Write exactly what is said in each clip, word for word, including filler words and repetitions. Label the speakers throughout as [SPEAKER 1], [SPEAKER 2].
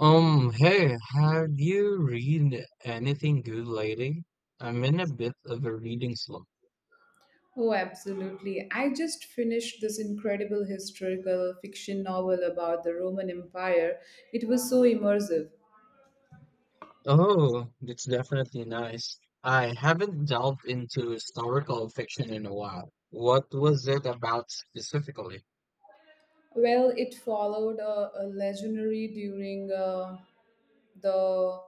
[SPEAKER 1] Um, hey, have you read anything good lately? I'm in a bit of a reading slump.
[SPEAKER 2] Oh, absolutely. I just finished this incredible historical fiction novel about the Roman Empire. It was so immersive.
[SPEAKER 1] Oh, that's definitely nice. I haven't delved into historical fiction in a while. What was it about specifically?
[SPEAKER 2] Well, it followed a, a legendary during uh, the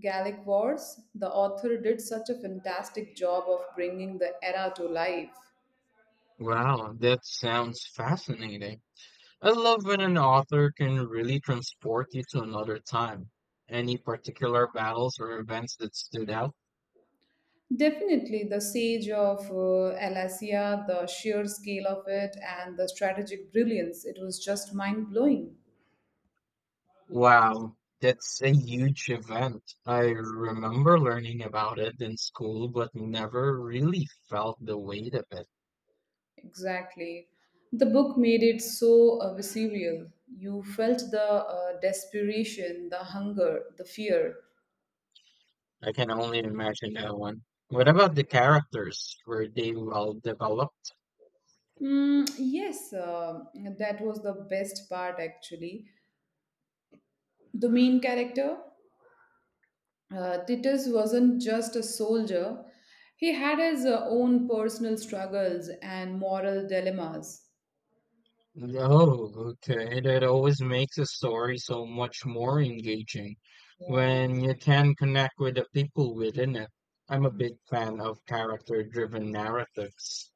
[SPEAKER 2] Gallic Wars. The author did such a fantastic job of bringing the era to life.
[SPEAKER 1] Wow, that sounds fascinating. I love when an author can really transport you to another time. Any particular battles or events that stood out?
[SPEAKER 2] Definitely, the siege of uh, Alesia, the sheer scale of it, and the strategic brilliance, it was just mind blowing.
[SPEAKER 1] Wow, that's a huge event. I remember learning about it in school, but never really felt the weight of it.
[SPEAKER 2] Exactly. The book made it so uh, visceral. You felt the uh, desperation, the hunger, the fear.
[SPEAKER 1] I can only imagine that one. What about the characters? Were they well developed?
[SPEAKER 2] Mm, yes, uh, that was the best part actually. The main character, uh, Titus, wasn't just a soldier, he had his uh, own personal struggles and moral dilemmas.
[SPEAKER 1] Oh, okay. That always makes a story so much more engaging
[SPEAKER 2] Yeah.
[SPEAKER 1] when you can connect with the people within it. I'm a big fan of character-driven narratives.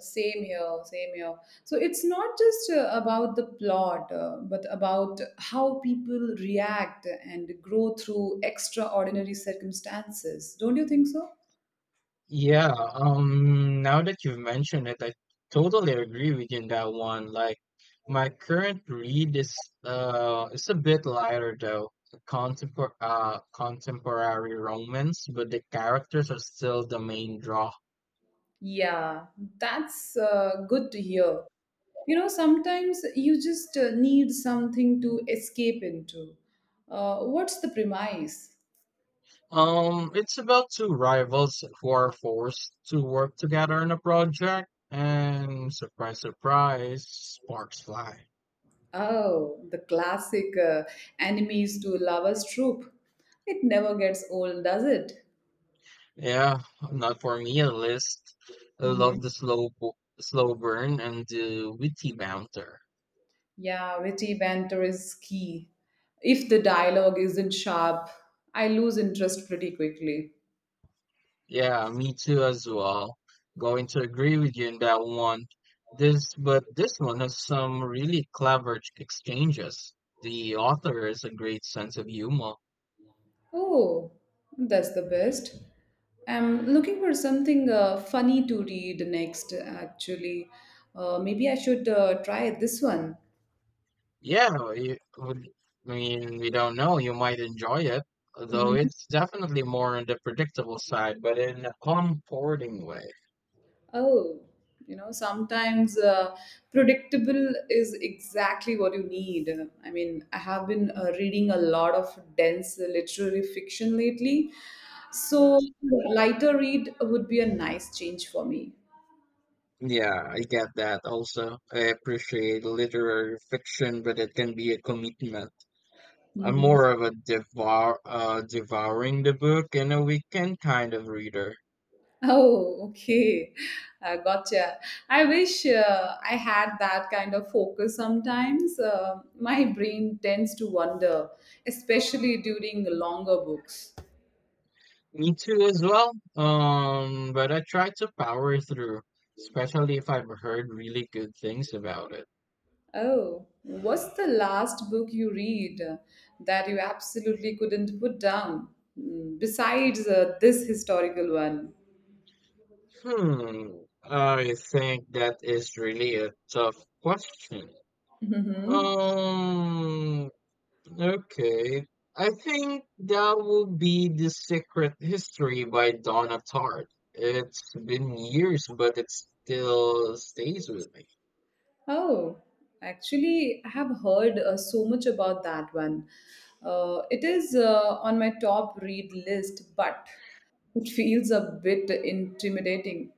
[SPEAKER 2] Same here, same here. So it's not just uh, about the plot, uh, but about how people react and grow through extraordinary circumstances. Don't you think so?
[SPEAKER 1] Yeah, um, now that you've mentioned it, I totally agree with you in that one. Like my current read is uh it's a bit lighter though. A Contempor uh contemporary romance, but the characters are still the main draw.
[SPEAKER 2] Yeah, that's uh, good to hear. You know, sometimes you just uh, need something to escape into. Uh, what's the premise?
[SPEAKER 1] Um, it's about two rivals who are forced to work together on a project, and surprise, surprise, sparks fly.
[SPEAKER 2] Oh, the classic uh, enemies to lovers trope. It never gets old, does it?
[SPEAKER 1] Yeah, not for me at least. I love the slow bo- slow burn and the witty banter.
[SPEAKER 2] Yeah, witty banter is key. If the dialogue isn't sharp, I lose interest pretty quickly.
[SPEAKER 1] Yeah, me too as well. Going to agree with you in that one. This but this one has some really clever ch- exchanges. The author has a great sense of humor.
[SPEAKER 2] Oh, that's the best. I'm looking for something uh, funny to read next, actually. Uh, maybe I should uh, try this one.
[SPEAKER 1] Yeah, you, would- I mean, we don't know. You might enjoy it, though it's definitely more on the predictable side, but in a comforting way.
[SPEAKER 2] Oh, you know, sometimes uh, predictable is exactly what you need. I mean, I have been uh, reading a lot of dense literary fiction lately, so lighter read would be a nice change for me.
[SPEAKER 1] Yeah, I get that also. I appreciate literary fiction, but it can be a commitment. I'm
[SPEAKER 2] Mhm.
[SPEAKER 1] more of a devour, uh, devouring the book in a weekend kind of reader.
[SPEAKER 2] Oh, okay. Uh, gotcha. I wish uh, I had that kind of focus sometimes. Uh, my brain tends to wander, especially during longer books.
[SPEAKER 1] Me too as well. Um, but I try to power through, especially if I've heard really good things about it.
[SPEAKER 2] Oh, what's the last book you read uh, that you absolutely couldn't put down, Mm, besides uh, this historical one?
[SPEAKER 1] Hmm, I think that is really a tough question.
[SPEAKER 2] Hmm.
[SPEAKER 1] Um, Okay. I think that will be The Secret History by Donna Tartt. It's been years, but it still stays with me.
[SPEAKER 2] Oh, actually, I have heard uh, so much about that one. Uh, it is uh, on my top read list, but it feels a bit intimidating.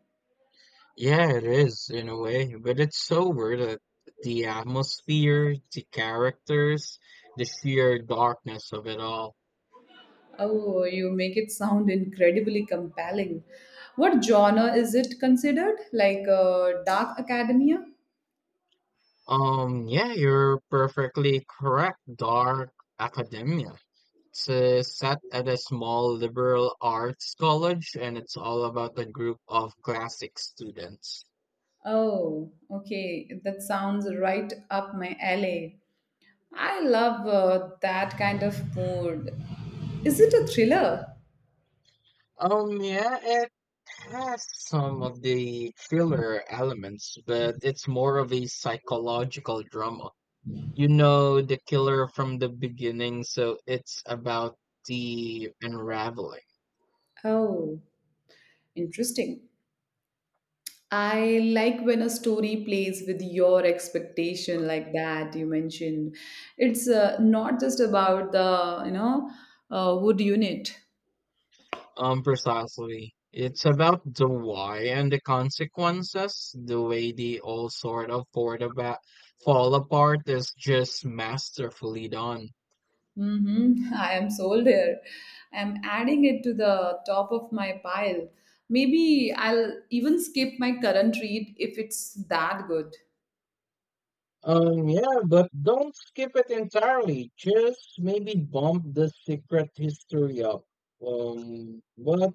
[SPEAKER 1] Yeah, it is in a way, but it's so weird that the atmosphere, the characters, the sheer darkness of it all.
[SPEAKER 2] Oh, you make it sound incredibly compelling. What genre is it considered? Like uh, Dark Academia?
[SPEAKER 1] Um, yeah, you're perfectly correct. Dark academia. It's uh, set at a small liberal arts college, and it's all about a group of classic students.
[SPEAKER 2] Oh, okay. That sounds right up my alley. I love uh, that kind of mood. Is it a thriller?
[SPEAKER 1] Um, yeah, it has some of the thriller elements, but it's more of a psychological drama. You know the killer from the beginning, so it's about the unraveling.
[SPEAKER 2] Oh, interesting. I like when a story plays with your expectation like that you mentioned. It's uh, not just about the, you know, uh, wood unit.
[SPEAKER 1] Um, precisely. It's about the why and the consequences. The way they all sort of fall about, fall apart is just masterfully done.
[SPEAKER 2] Mm-hmm. I am sold here. I'm adding it to the top of my pile. Maybe I'll even skip my current read if it's that good.
[SPEAKER 1] Um, yeah, but don't skip it entirely. Just maybe bump the secret history up. Um, but I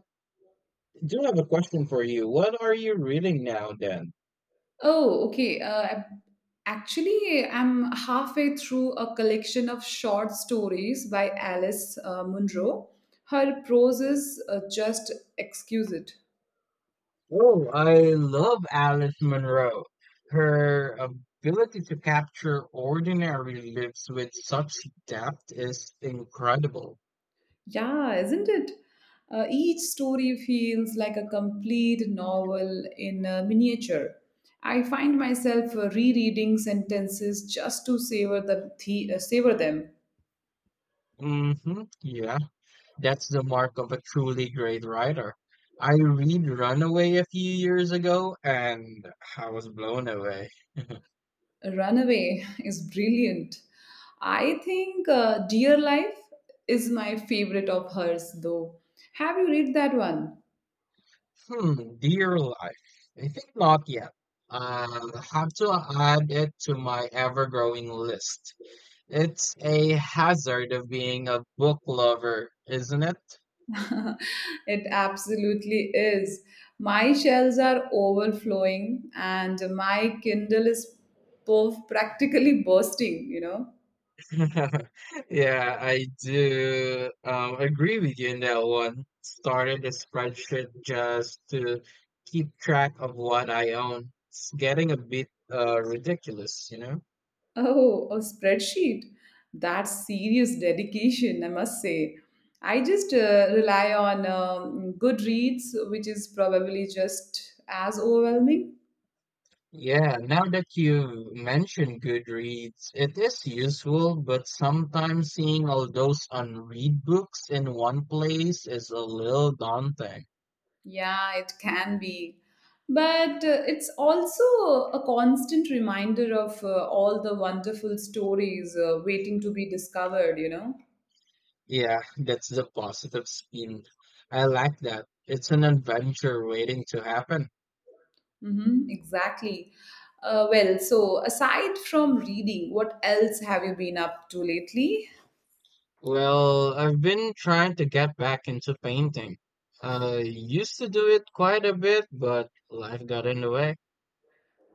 [SPEAKER 1] do you have a question for you. What are you reading now then?
[SPEAKER 2] Oh, okay. Uh, actually, I'm halfway through a collection of short stories by Alice uh, Munro. Her prose is uh, just exquisite.
[SPEAKER 1] Oh, I love Alice Munro. Her ability to capture ordinary lives with such depth is incredible.
[SPEAKER 2] Yeah, isn't it? Uh, each story feels like a complete novel in uh, miniature. I find myself uh, rereading sentences just to savor the, the uh, savor them.
[SPEAKER 1] Mm-hmm, yeah, that's the mark of a truly great writer. I read Runaway a few years ago and I was blown away.
[SPEAKER 2] Runaway is brilliant. I think uh, Dear Life is my favorite of hers, though. Have you read that one?
[SPEAKER 1] Hmm, dear life. I think not yet. I'll have to add it to my ever-growing list. It's a hazard of being a book lover, isn't it?
[SPEAKER 2] It absolutely is. My shelves are overflowing and my Kindle is perf- practically bursting, you know.
[SPEAKER 1] Yeah, I do um, agree with you in that one. Started a spreadsheet just to keep track of what I own. It's getting a bit uh, ridiculous, you know?
[SPEAKER 2] Oh, a spreadsheet. That's serious dedication, I must say. I just uh, rely on um, Goodreads, which is probably just as overwhelming.
[SPEAKER 1] Yeah, now that you mentioned Goodreads, it is useful, but sometimes seeing all those unread books in one place is a little daunting.
[SPEAKER 2] Yeah, it can be. But uh, it's also a constant reminder of uh, all the wonderful stories uh, waiting to be discovered, you know?
[SPEAKER 1] Yeah, that's the positive spin. I like that. It's an adventure waiting to happen.
[SPEAKER 2] Mm-hmm, exactly. Uh, well, so aside from reading, what else have you been up to lately?
[SPEAKER 1] Well, I've been trying to get back into painting. I used to do it quite a bit, but life got in the way.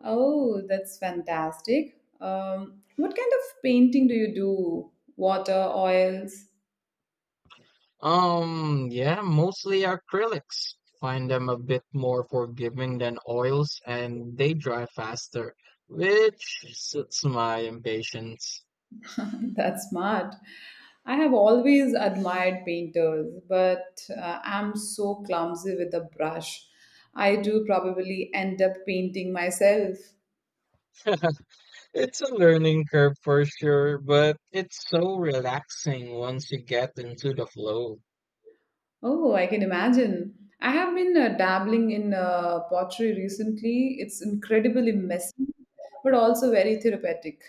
[SPEAKER 2] Oh, that's fantastic. Um, what kind of painting do you do? Water, oils?
[SPEAKER 1] Um, yeah, mostly acrylics. Find them a bit more forgiving than oils and they dry faster, which suits my impatience.
[SPEAKER 2] That's smart. I have always admired painters, but uh, I'm so clumsy with a brush. I do probably end up painting myself.
[SPEAKER 1] It's a learning curve for sure, but it's so relaxing once you get into the flow.
[SPEAKER 2] Oh, I can imagine. I have been uh, dabbling in uh, pottery recently. It's incredibly messy, but also very therapeutic.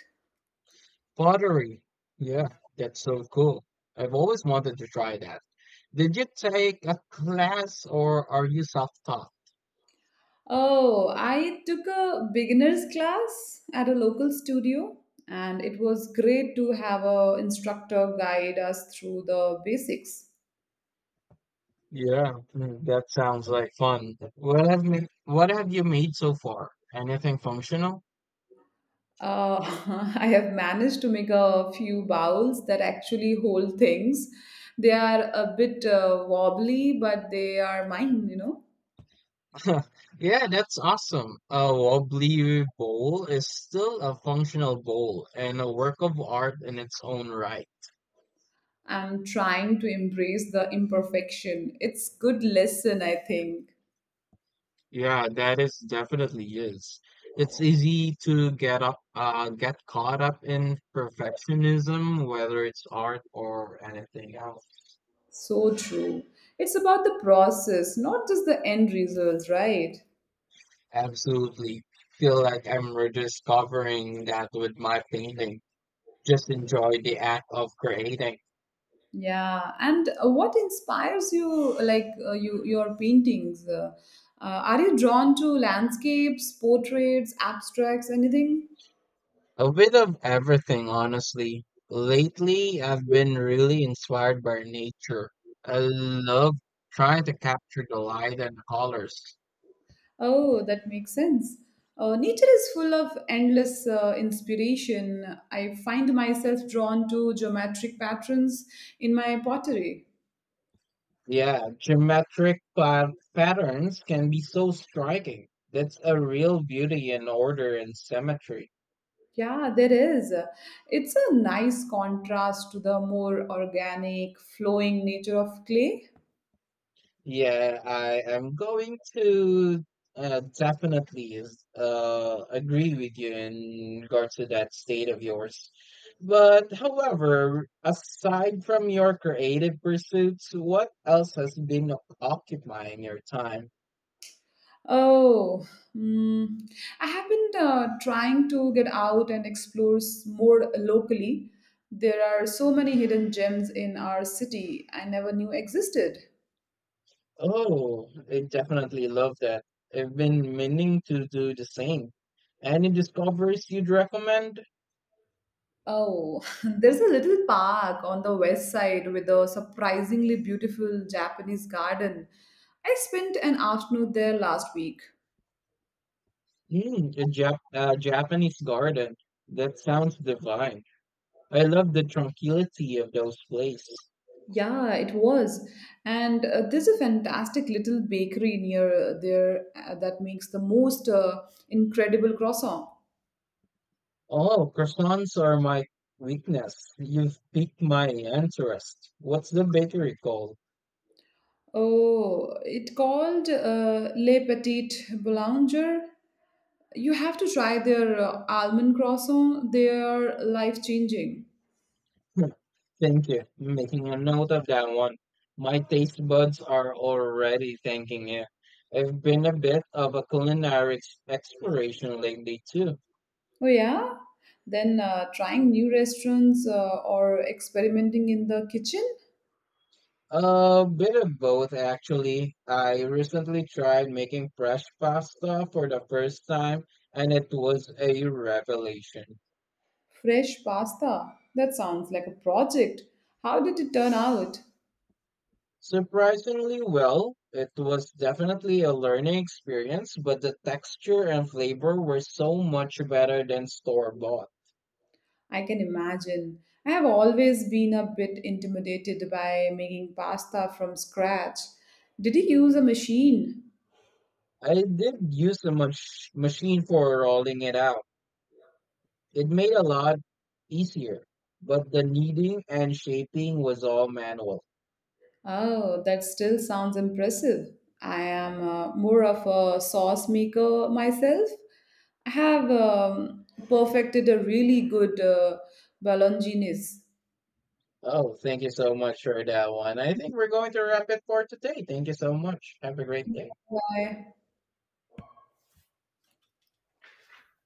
[SPEAKER 1] Pottery. Yeah, that's so cool. I've always wanted to try that. Did you take a class or are you self-taught?
[SPEAKER 2] Oh, I took a beginner's class at a local studio, and it was great to have a instructor guide us through the basics.
[SPEAKER 1] Yeah, mm, that sounds like fun. What have you, what have you made so far? Anything functional?
[SPEAKER 2] Uh, I have managed to make a few bowls that actually hold things. They are a bit uh, wobbly, but they are mine, you know.
[SPEAKER 1] Yeah, that's awesome. A wobbly bowl is still a functional bowl and a work of art in its own right.
[SPEAKER 2] I'm trying to embrace the imperfection. It's good lesson, I think.
[SPEAKER 1] Yeah, that is definitely is. It's easy to get up, uh, get caught up in perfectionism, whether it's art or anything else.
[SPEAKER 2] So true. It's about the process, not just the end result, right?
[SPEAKER 1] Absolutely feel like I'm rediscovering that with my painting. Just enjoy the act of creating.
[SPEAKER 2] Yeah. And uh, what inspires you, like uh, you your paintings? Uh, uh, are you drawn to landscapes, portraits, abstracts, anything?
[SPEAKER 1] A bit of everything, honestly. Lately, I've been really inspired by nature. I love trying to capture the light and colors.
[SPEAKER 2] Oh, that makes sense. Uh, nature is full of endless uh, inspiration. I find myself drawn to geometric patterns in my pottery.
[SPEAKER 1] Yeah, geometric pa- patterns can be so striking. That's a real beauty in order and symmetry.
[SPEAKER 2] Yeah, there is. It's a nice contrast to the more organic, flowing nature of clay.
[SPEAKER 1] Yeah, I am going to uh, definitely is- uh, agree with you in regards to that state of yours. But however, aside from your creative pursuits, what else has been occupying your time?
[SPEAKER 2] Oh, mm, I have been uh, trying to get out and explore s- more locally. There are so many hidden gems in our city I never knew existed.
[SPEAKER 1] Oh, I definitely love that. I've been meaning to do the same. Any discoveries you'd recommend?
[SPEAKER 2] Oh, there's a little park on the west side with a surprisingly beautiful Japanese garden. I spent an afternoon there last week.
[SPEAKER 1] Mm, a Jap- uh, Japanese garden. That sounds divine. I love the tranquility of those places.
[SPEAKER 2] Yeah, it was. And uh, there's a fantastic little bakery near uh, there uh, that makes the most uh, incredible croissant.
[SPEAKER 1] Oh, croissants are my weakness. You've piqued my interest. What's the bakery called?
[SPEAKER 2] Oh, it called uh, Les Petites Boulanger. You have to try their uh, almond croissant. They are life changing.
[SPEAKER 1] Hmm, thank you. Making a note of that one. My taste buds are already thanking you. I've been a bit of a culinary ex- exploration lately too.
[SPEAKER 2] Oh, yeah? Then uh, trying new restaurants uh, or experimenting in the kitchen?
[SPEAKER 1] A bit of both actually. I recently tried making fresh pasta for the first time and it was a revelation.
[SPEAKER 2] Fresh pasta. That sounds like a project. How did it turn out?
[SPEAKER 1] Surprisingly well, it was definitely a learning experience, but the texture and flavor were so much better than store bought.
[SPEAKER 2] I can imagine. I have always been a bit intimidated by making pasta from scratch. Did you use a machine?
[SPEAKER 1] I did use the mach- machine for rolling it out. It made a lot easier, but the kneading and shaping was all manual.
[SPEAKER 2] Oh, that still sounds impressive. I am uh, more of a sauce maker myself. I have um, perfected a really good uh, bolognese.
[SPEAKER 1] Oh, thank you so much for that one. I think we're going to wrap it for today. Thank you so much. Have a great day.
[SPEAKER 2] Why?